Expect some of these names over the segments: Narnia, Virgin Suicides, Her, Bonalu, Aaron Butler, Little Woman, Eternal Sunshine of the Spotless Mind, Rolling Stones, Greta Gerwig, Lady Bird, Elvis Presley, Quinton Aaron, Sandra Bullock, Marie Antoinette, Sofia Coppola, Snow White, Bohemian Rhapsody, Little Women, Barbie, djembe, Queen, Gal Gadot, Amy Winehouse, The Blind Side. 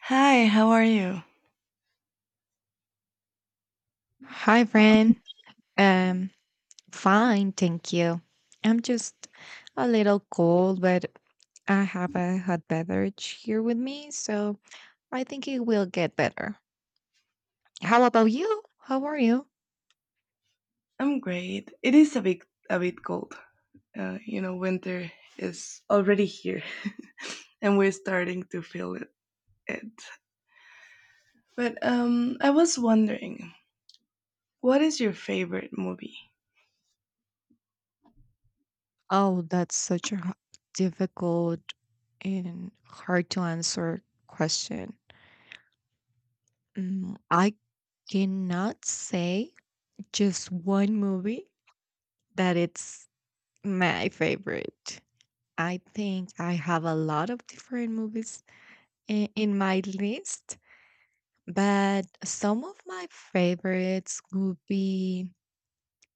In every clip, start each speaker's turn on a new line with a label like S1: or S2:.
S1: Hi, how are you?
S2: Hi, friend. Um, fine, thank you. I'm just a little cold, but I have a hot beverage here with me, so I think it will get better. How about you? How are you?
S1: I'm great. It is a bit cold. Winter is already here, and we're starting to feel it. But I was wondering, what is your favorite movie?
S2: Oh, that's such a difficult and hard to answer question. I cannot say just one movie that it's my favorite. I think I have a lot of different movies in my list, but some of my favorites would be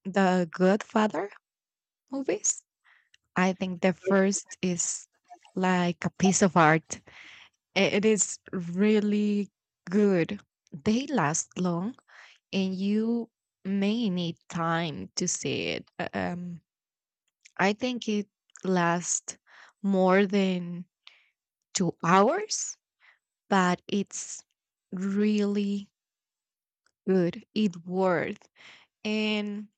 S2: the Godfather movies. I think the first is like a piece of art. It is really good. They last long and you may need time to see it. I think it lasts more than 2 hours but it's really good. It worked. And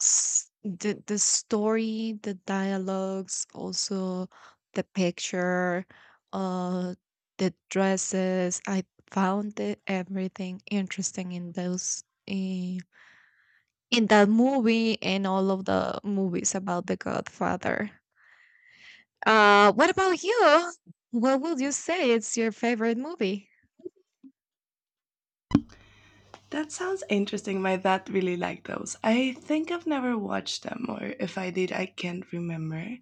S2: the story, the dialogues, also the picture, uh, the dresses. I found it, everything interesting in those in that movie and all of the movies about the Godfather. What about you? What would you say it's your favorite movie?
S1: That sounds interesting. My dad really liked those. I think I've never watched them, or if I did, I can't remember.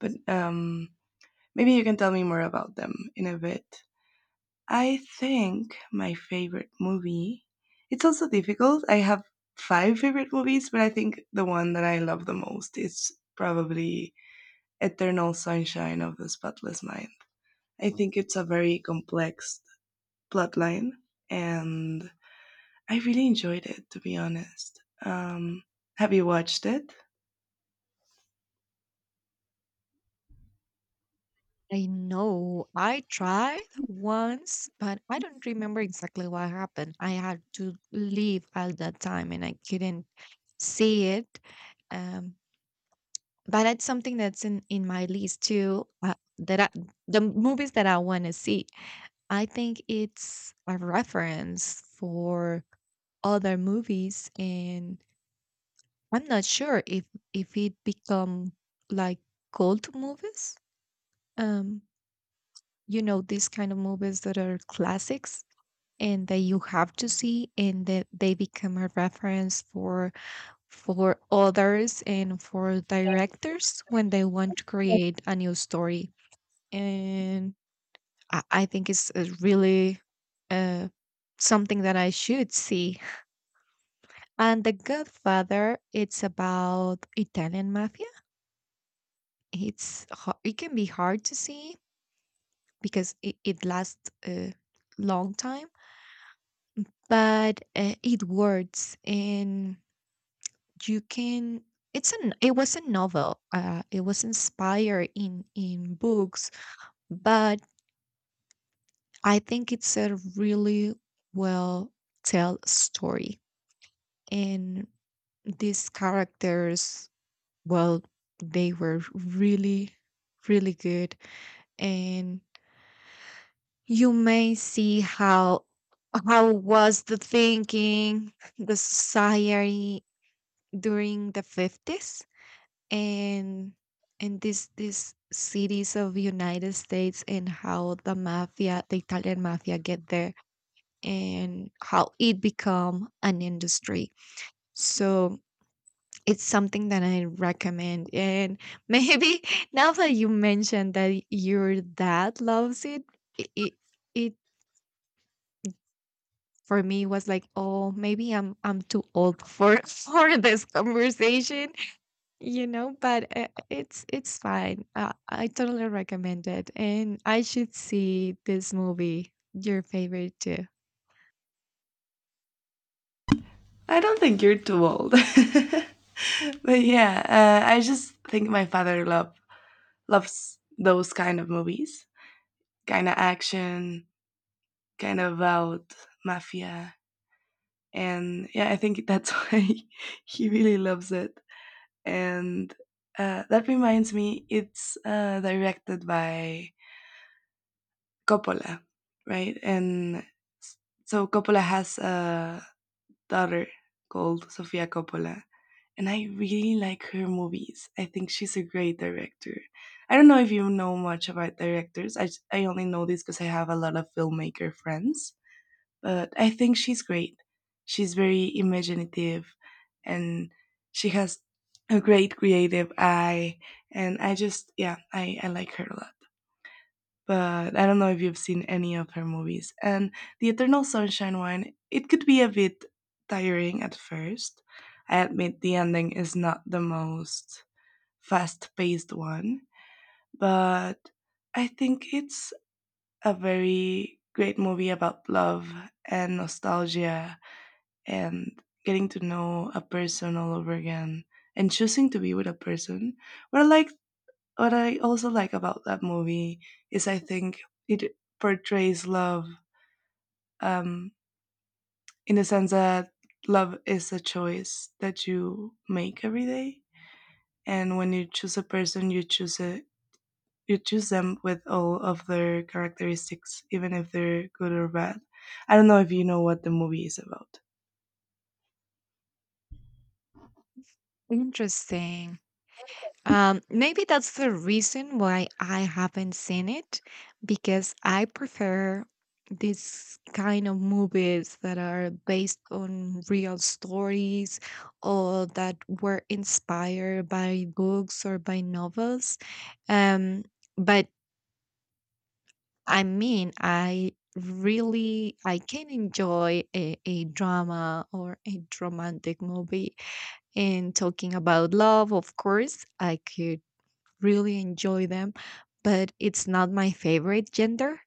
S1: But maybe you can tell me more about them in a bit. I think my favorite movie. It's also difficult. I have five favorite movies, but I think the one that I love the most is probably Eternal Sunshine of the Spotless Mind. I think it's a very complex plotline, and I really enjoyed it, to be honest. Have you watched it?
S2: I know I tried once, but I don't remember exactly what happened. I had to leave at that time and I couldn't see it. Um, but that's something that's in my list too, the movies that I want to see. I think it's a reference for other movies, and I'm not sure if it become like cult movies. um you know, these kind of movies that are classics and that you have to see and that they become a reference for others and for directors when they want to create a new story. And I think it's really uh, something that I should see. And The Godfather, it's about Italian mafia. It's it can be hard to see because it lasts a long time, but it works, and you can. It was a novel. It was inspired in books, but I think it's a really well tell story. And these characters, well, they were really really good. And you may see how was the thinking, the society during the 50s, and this these cities of united states, and how the italian mafia get there, and how it become an industry. So it's something that I recommend. And maybe now that you mentioned that your dad loves it, it, it, it for me was like, oh, maybe I'm too old for for this conversation. But it's fine. I totally recommend it, and I should see this movie, your favorite too.
S1: I don't think you're too old. But yeah, I just think my father loves those kind of movies, kind of action, kind of about mafia. And yeah, I think that's why he really loves it. And that reminds me, it's directed by Coppola, right? And s- so Coppola has a daughter called Sofia Coppola, and I really like her movies. I think she's a great director. I don't know if you know much about directors. I only know this because I have a lot of filmmaker friends. But I think she's great. She's very imaginative, and she has a great creative eye. And I just, yeah, I like her a lot. But I don't know if you've seen any of her movies. And the Eternal Sunshine one, it could be a bit tiring at first. I admit the ending is not the most fast paced one, but I think it's a very great movie about love and nostalgia and getting to know a person all over again and choosing to be with a person. What I like, what I also like about that movie is I think it portrays love um, in the sense that love is a choice that you make every day, and when you choose a person, you choose it. You choose them with all of their characteristics, even if they're good or bad. I don't know if you know what the movie is about.
S2: Interesting. Maybe that's the reason why I haven't seen it because I prefer this kind of movies that are based on real stories or that were inspired by books or by novels. Um, but I mean, I really I can enjoy a drama or a romantic movie, and talking about love, of course, I could really enjoy them, but it's not my favorite gender.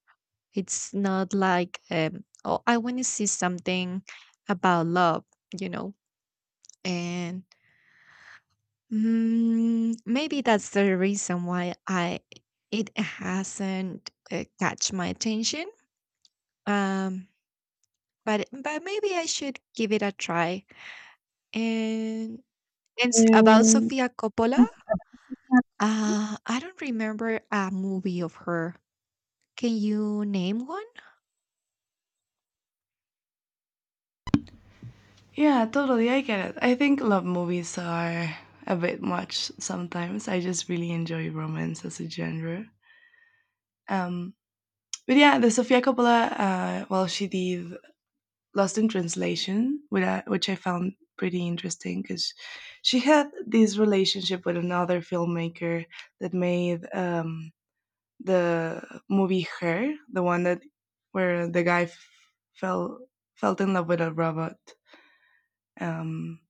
S2: It's not like, oh, I want to see something about love, you know? And maybe that's the reason why I it hasn't catch my attention. Um, but maybe I should give it a try. And it's about
S1: Um,
S2: Sofia Coppola. I don't remember a movie of her. Can you name one?
S1: Yeah, totally. I get it. I think love movies are a bit much sometimes. I just really enjoy romance as a genre. Um, but yeah, the Sofia Coppola, well, she did Lost in Translation, which I found pretty interesting because she had this relationship with another filmmaker that made the movie Her, the one that where the guy f- fell felt in love with a robot. Um,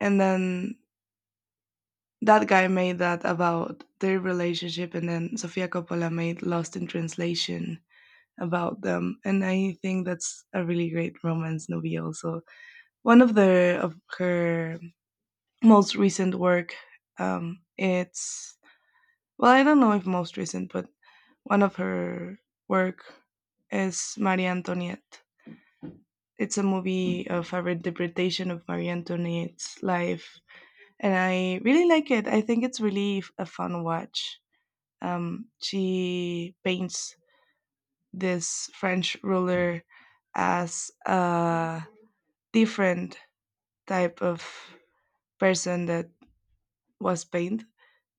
S1: and then That guy made that about their relationship, and then Sofia Coppola made Lost in Translation about them. And I think that's a really great romance movie. Also, one of the of her most recent work. It's well, I don't know if most recent, but one of her work is Marie Antoinette. It's a movie of a interpretation of Marie Antoinette's life, and I really like it. I think it's really a fun watch. She paints this French ruler as a different type of person that was painted.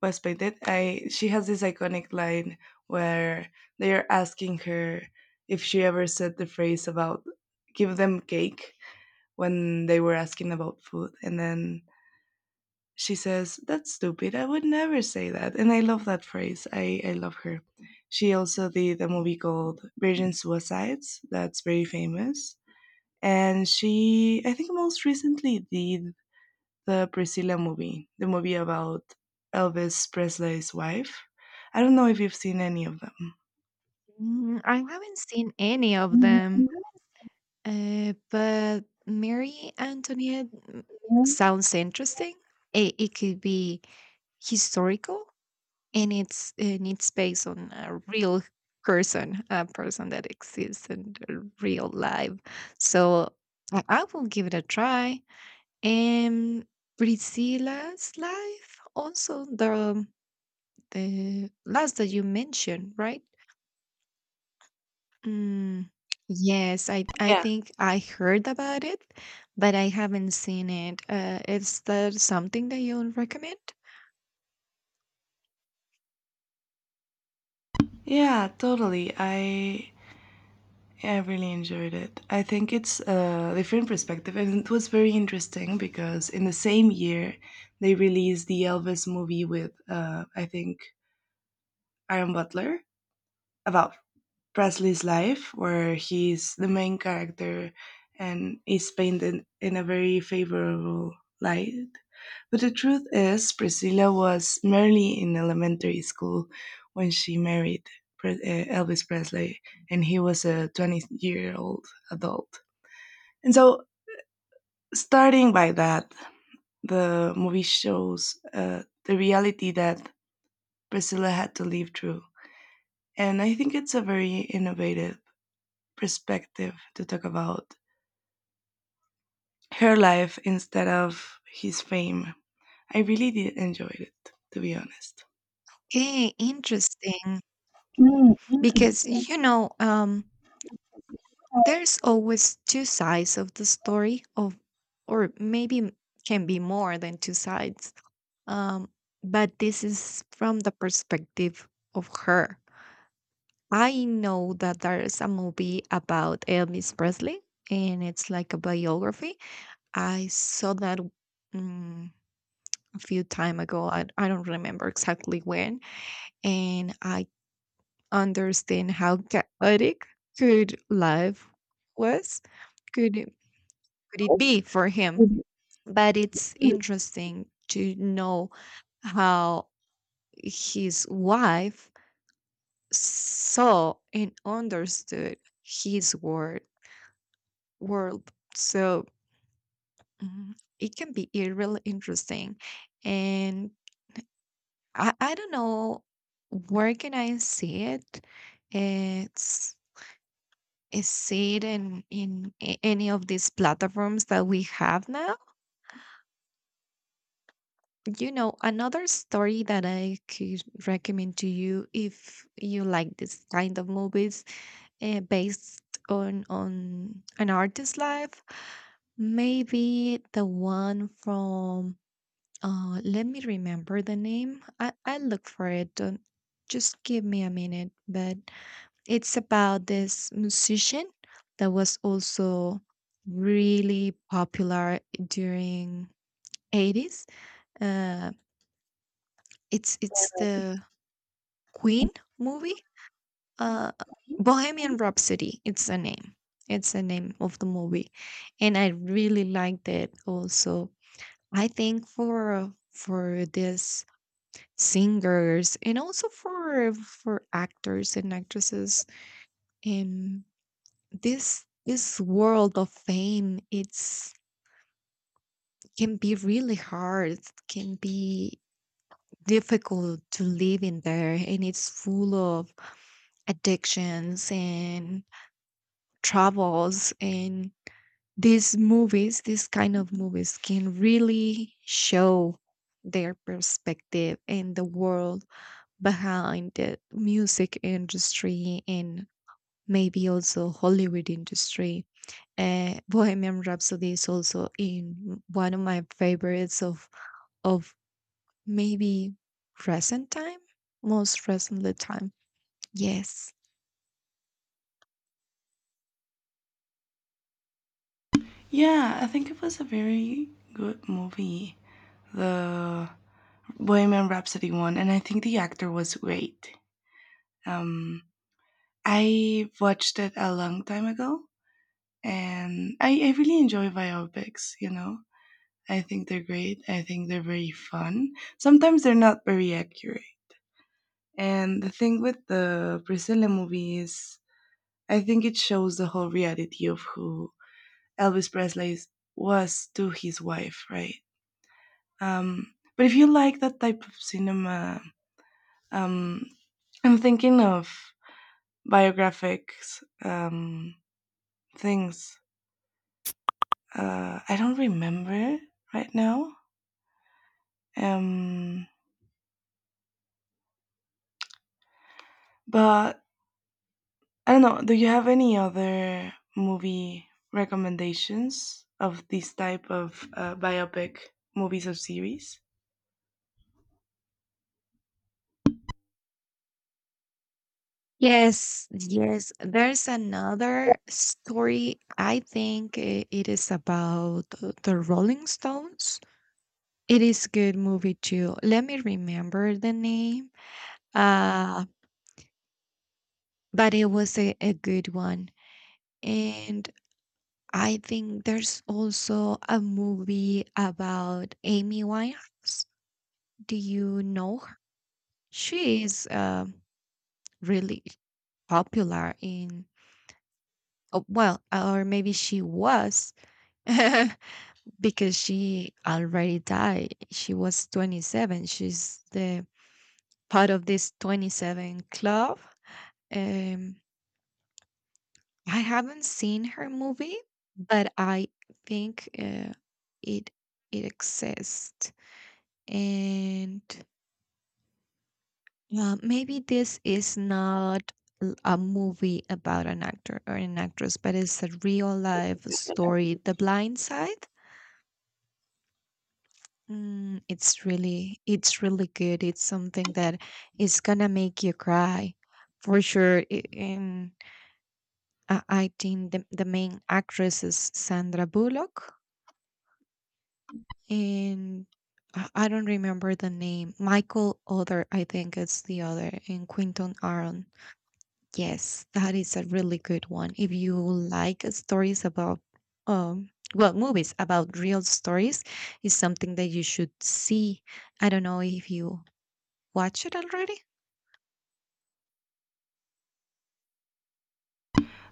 S1: Was painted. I she has this iconic line where they are asking her if she ever said the phrase about give them cake when they were asking about food, and then she says, "That's stupid. I would never say that." And I love that phrase. I love her. She also did a movie called Virgin Suicides, that's very famous. And she, I think, most recently did the Priscilla movie, the movie about Elvis Presley's wife. I don't know if you've seen any of them.
S2: I haven't seen any of them, but Mary Antoinette
S1: Mhm.
S2: sounds interesting. It could be historical, and it's based on a real person, a person that exists in the real life. So I will give it a try. And Priscilla's life, also the last that you mentioned, right? Mm, yes, I
S1: Yeah.
S2: think I heard about it, but I haven't seen it. Is that something that you recommend?
S1: Yeah, totally. I Yeah, I really enjoyed it. I think it's a different perspective, and it was very interesting because in the same year they released the Elvis movie with, I think, Aaron Butler about Presley's life, where he's the main character and is painted in a very favorable light. But the truth is, Priscilla was merely in elementary school when she married Elvis Presley, and he was a 20-year-old year old adult. And so, starting by that, the movie shows the reality that Priscilla had to live through. And I think it's a very innovative perspective to talk about her life instead of his fame. I really did enjoy it, to be honest.
S2: Okay, interesting.
S1: Mm,
S2: Because there's always two sides of the story, of or maybe can be more than two sides. um but this is from the perspective of her. I know that there's a movie about elvis presley, and it's like a biography. I saw that mm, a few time ago. I don't remember exactly when. And I understand how chaotic good life was, could it, could it be for him? But it's interesting to know how his wife saw and understood his word world. So mm, it can be really interesting, and I don't know where can I see it. It's is see it in any of these platforms that we have now. You know, another story that I could recommend to you if you like this kind of movies, based on an artist's life, maybe the one from let me remember the name. I look for it. Don't just give me a minute, but it's about this musician that was also really popular during 80s. uh it's the Queen movie? Uh, Bohemian Rhapsody, it's the name. It's the name of the movie, and I really liked it also. I think for this singers and also for actors and actresses in this world of fame, it's can be really hard, can be difficult to live in there, and it's full of addictions and troubles. And these kind of movies can really show their perspective and the world behind the music industry, and maybe also hollywood industry. Bohemian rhapsody is also in one of my favorites of of maybe recent time, most recently time, yes.
S1: yeah, I think it was a very good movie, the Bohemian Rhapsody one, and I think the actor was great. Um, I watched it a long time ago, and I really enjoy biopics, you know. I think they're great. I think they're very fun. Sometimes they're not very accurate. And the thing with the Priscilla movie is I think it shows the whole reality of who Elvis Presley was to his wife, right? But if you like that type of cinema, um, I'm thinking of biographics things. I don't remember right now. Um, But I don't know. Do you have any other movie recommendations of this type of biopic movies or series?
S2: Yes, yes. There's another story. I think it is about the Rolling Stones. It is a good movie too. Let me remember the name. Uh, but it was a good one. And I think there's also a movie about Amy Winehouse. Do you know her? She is really popular in, oh, well, or maybe she was. Because she already died. She was 27. She's the part of this 27 club. Um, I haven't seen her movie, but I think it it exists, and maybe this is not a movie about an actor or an actress, but it's a real life story. The Blind Side. It's really good. It's something that is gonna make you cry for sure. And I think the main actress is Sandra Bullock, and I don't remember the name. Michael Other, I think it's the other, and Quinton Aaron. Yes, that is a really good one. If you like stories about, um, well, movies about real stories, is something that you should see. I don't know if you Watch it already?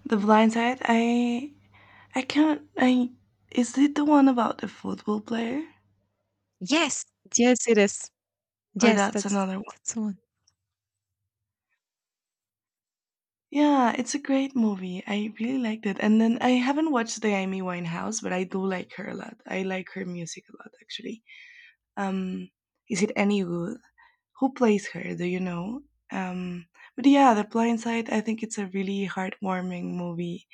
S1: The Blind Side. I can't. I Is it the one about the football player
S2: Yes, yes, it is.
S1: or
S2: Yes,
S1: that's another one?
S2: that's the one.
S1: Yeah, it's a great movie. I really liked it. And then I haven't watched the Amy Winehouse, but I do like her a lot. I like her music a lot, actually. Um, is it any good? Who plays her, do you know? um but yeah, the Blind Side, I think it's a really heartwarming movie.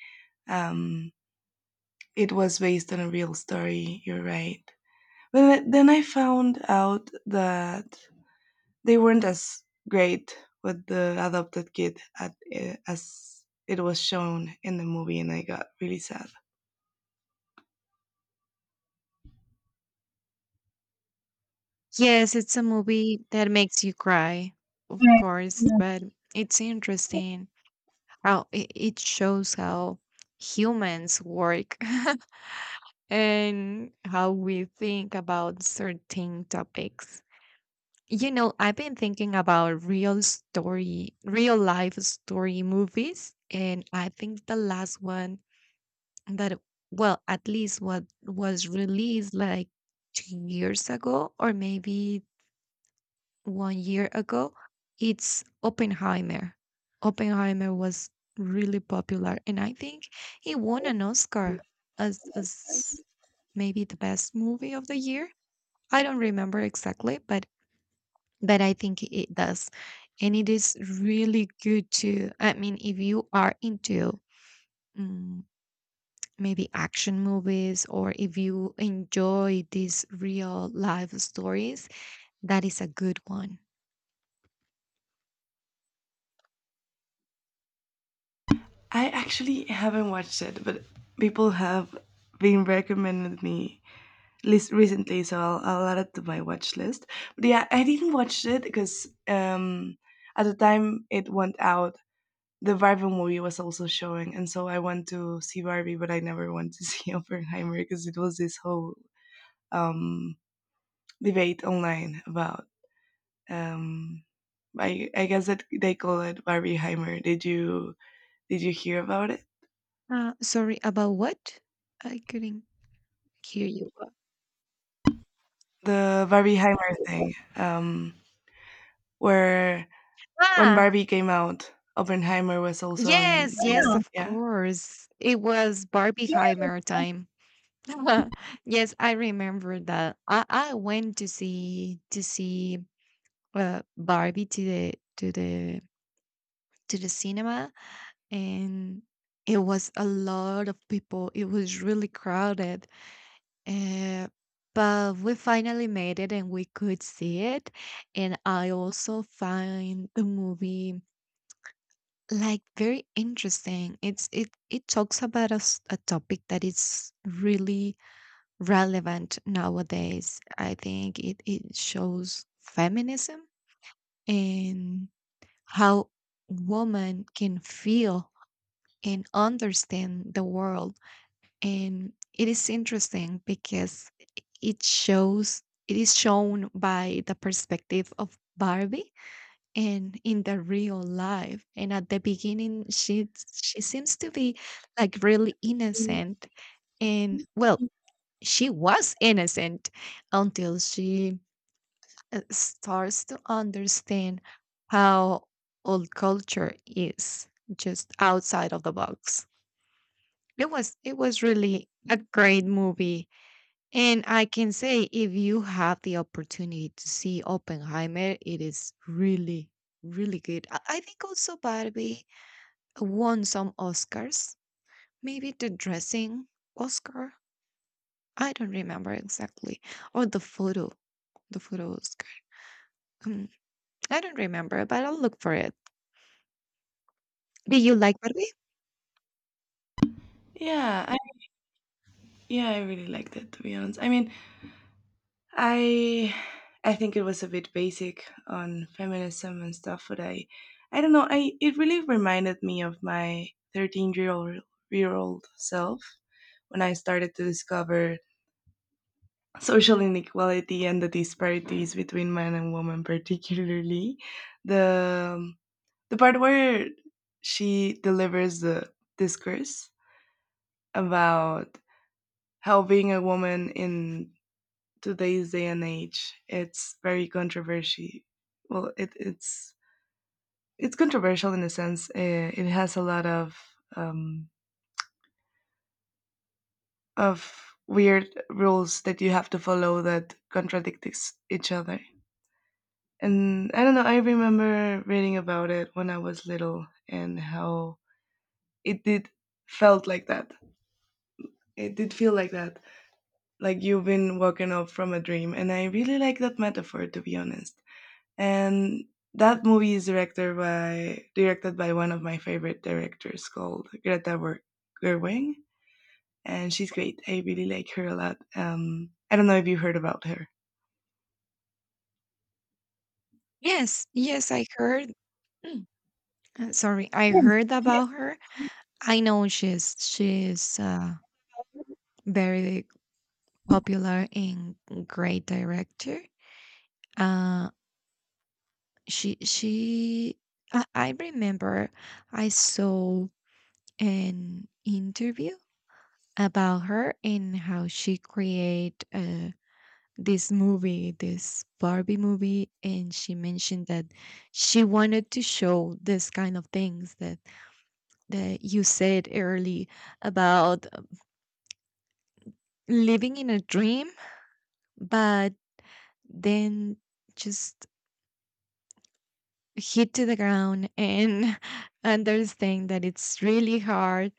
S1: um it was based on a real story, you're right. But then I found out that they weren't as great with the adopted kid as it was shown in the movie, and I got really sad.
S2: Yes, it's a movie that makes you cry, of course, but it's interesting how it shows how humans work and how we think about certain topics. You know, I've been thinking about real story, real life story movies, and I think the last one that, well, at least what was released like 2 years ago or maybe 1 year ago, it's oppenheimer. Oppenheimer was really popular, and I think he won an oscar, as maybe the best movie of the year. I don't remember exactly, but I think it does. And it is really good to, I mean, if you are into mm, maybe action movies, or if you enjoy these real life stories, that is a good one.
S1: I actually haven't watched it, but people have been recommending me list recently, so I'll add it to my watch list. But yeah, I didn't watch it because at the time it went out, the Barbie movie was also showing, and so I went to see Barbie, but I never went to see Oppenheimer because it was this whole um, debate online about. Um, I guess that they call it Barbieheimer. Did you hear about it?
S2: Sorry, about what? I couldn't hear you.
S1: The Barbieheimer thing, where when
S2: Ah,
S1: Barbie came out, Oppenheimer was also on.
S2: yes, yes,
S1: Yeah,
S2: of
S1: yeah?
S2: course. It was Barbieheimer time. Yes, I remember that. I went to see Barbie to the to the cinema, and it was a lot of people. It was really crowded, uh, but we finally made it, and we could see it. And I also find the movie like very interesting. It talks about a topic that is really relevant nowadays. I think it shows feminism and how women can feel and understand the world. And it is interesting because it shows it is shown by the perspective of Barbie and in the real life. And at the beginning she seems to be like really
S1: Mm.
S2: innocent. And well, she was innocent until she starts to understand how old culture is just outside of the box. It was really a great movie. And I can say if you have the opportunity to see oppenheimer, it is really really good. I think also barbie won some oscars, maybe the dressing oscar. I don't remember exactly, or the photo. The food Oscar. Hmm, I don't remember, but I'll look for it. Do you like Barbie?
S1: Yeah, I yeah, I really liked it, to be honest. I I think it was a bit basic on feminism and stuff, but I don't know, I it really reminded me of my 13-year-old year old year old self when I started to discover social inequality and the disparities between man and woman, particularly the um, the part where she delivers the discourse about how being a woman in today's day and age it's very controversial. Well, it's controversial in a sense. It has a lot of um, of weird rules that you have to follow that contradict each other. And I don't know. I remember reading about it when I was little and how it did felt like that. It did feel like that, like you've been woken up from a dream, and I really like that metaphor, to be honest. And that movie is directed by one of my favorite directors called Greta Gerwig, and she's great. I really like her a lot. I don't know if you heard about her.
S2: Yes, yes, I heard. Mm, Sorry, I
S1: Yes.
S2: heard about her. I know she's very popular and great director. Uh, she I remember I saw an interview about her and how she create this Barbie movie, and she mentioned that she wanted to show this kind of things that you said early about living in a dream, but then just hit to the ground and understand that it's really hard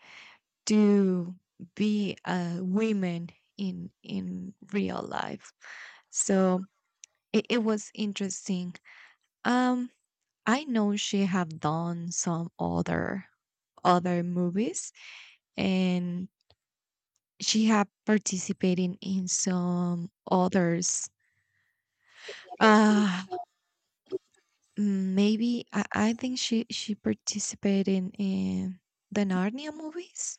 S2: to be a woman in real life. So it was interesting. um I know she have done some other movies, and she have participated in some others. uh Maybe I think she participated in the narnia movies,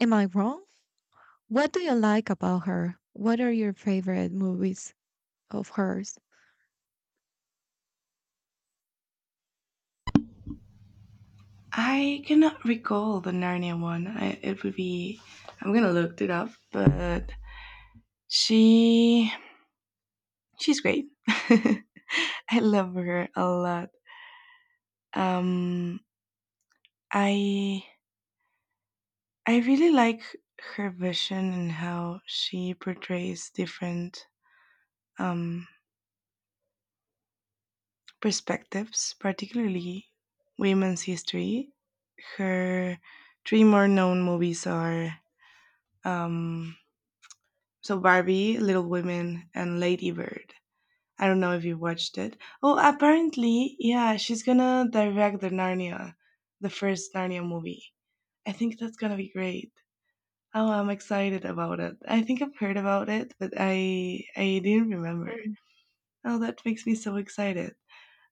S2: am I wrong? What do you like about her? What are your favorite movies? Of hers.
S1: I cannot recall the Narnia one. It would be I'm gonna look it up. But she she's great. I love her a lot. um i I really like her vision and how she portrays different um, perspectives, particularly women's history. Her three more known movies are um, Barbie, Little Women, and Lady Bird. I don't know if you watched it. Oh, apparently, yeah, she's gonna direct the Narnia, the first Narnia movie. I think that's gonna be great. Oh, I'm excited about it. I think I've heard about it, but I didn't remember.
S2: Mm.
S1: Oh, that makes me so excited.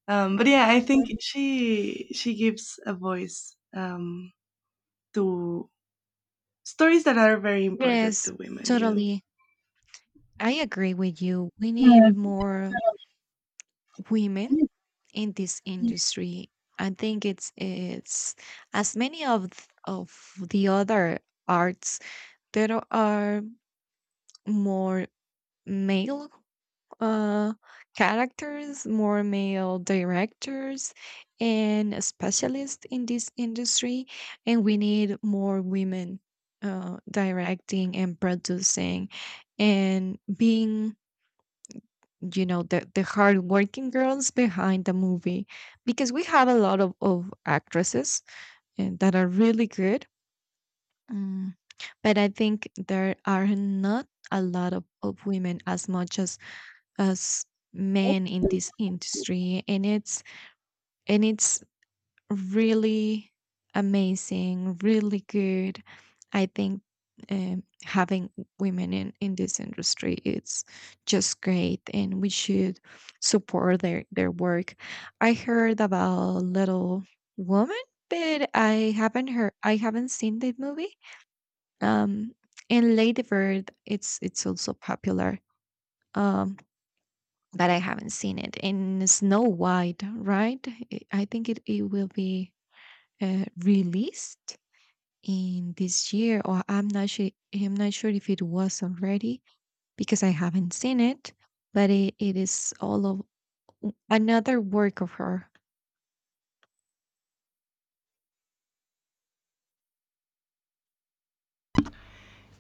S1: But yeah, I think Mhm. She gives a voice to stories that are very important
S2: Yes,
S1: to women. You know.
S2: totally. I agree with you. We need more women in this industry. I think it's as many of of the other arts that are more male uh, characters, more male directors, and specialists in this industry. And we need more women directing and producing and being, you know, the hardworking girls behind the movie. Because we have a lot of actresses and that are really good. Mm, But I think there are not a lot of women as much as us men in this industry. And it's really amazing, really good. I think having women in this industry, it's just great, and we should support their work. I heard about little woman, but I haven't seen that movie. um and lady bird, it's also popular. um but I haven't seen it. In Snow White, right? I think it will be released in this year, or I'm not sure. I'm not sure if it was already because I haven't seen it. But it is all of another work of her.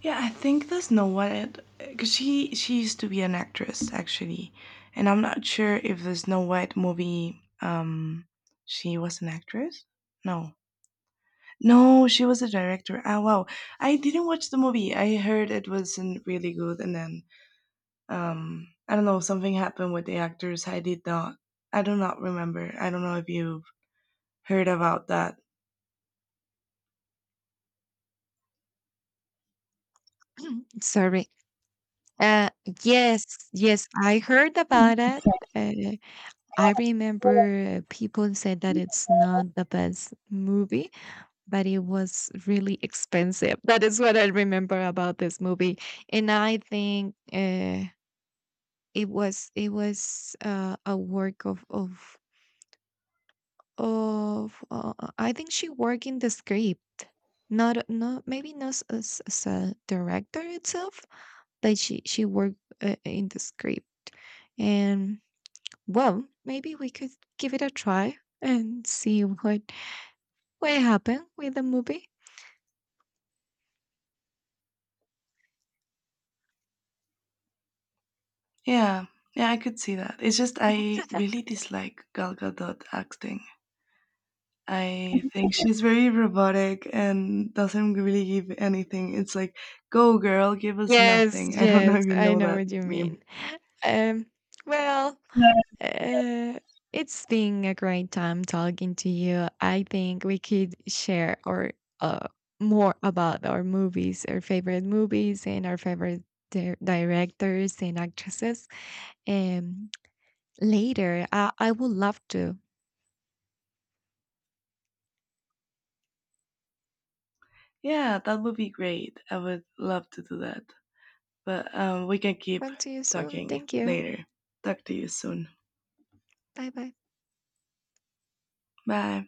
S1: Yeah, I think there's no one because she used to be an actress actually, and I'm not sure if the Snow White movie she was an actress. No, no, she was a director. Ah, wow. I didn't watch the movie. I heard it wasn't really good, and then I don't know. Something happened with the actors. I did not. I do not remember. I don't know if you've heard about that.
S2: Sorry. Uh, yes, yes, I heard about
S1: Mhm.
S2: it. Uh, I remember people said that it's not the best movie, but it was really expensive. That is what I remember about this movie. And I think it was a work of. I think she worked in the script, not maybe not as a director itself. But she worked in the script. And, well, maybe we could give it a try and see what happened with the movie.
S1: Yeah, yeah, I could see that. It's just I really dislike Gal Gadot acting. I think she's very robotic and doesn't really give anything. It's like, go girl, give us
S2: Yes,
S1: nothing. I don't know
S2: yes,
S1: if you
S2: I
S1: know
S2: know
S1: that
S2: what you
S1: meme.
S2: mean. Um, well, uh, it's been a great time talking to you. I think we could share or uh, more about our movies, our favorite movies, and our favorite directors and actresses. Um, later, I would love to
S1: Yeah, that would be great. I would love to do that. But we can keep
S2: talk to you soon.
S1: talking
S2: Thank you.
S1: later. Talk to you soon.
S2: Bye bye.
S1: Bye.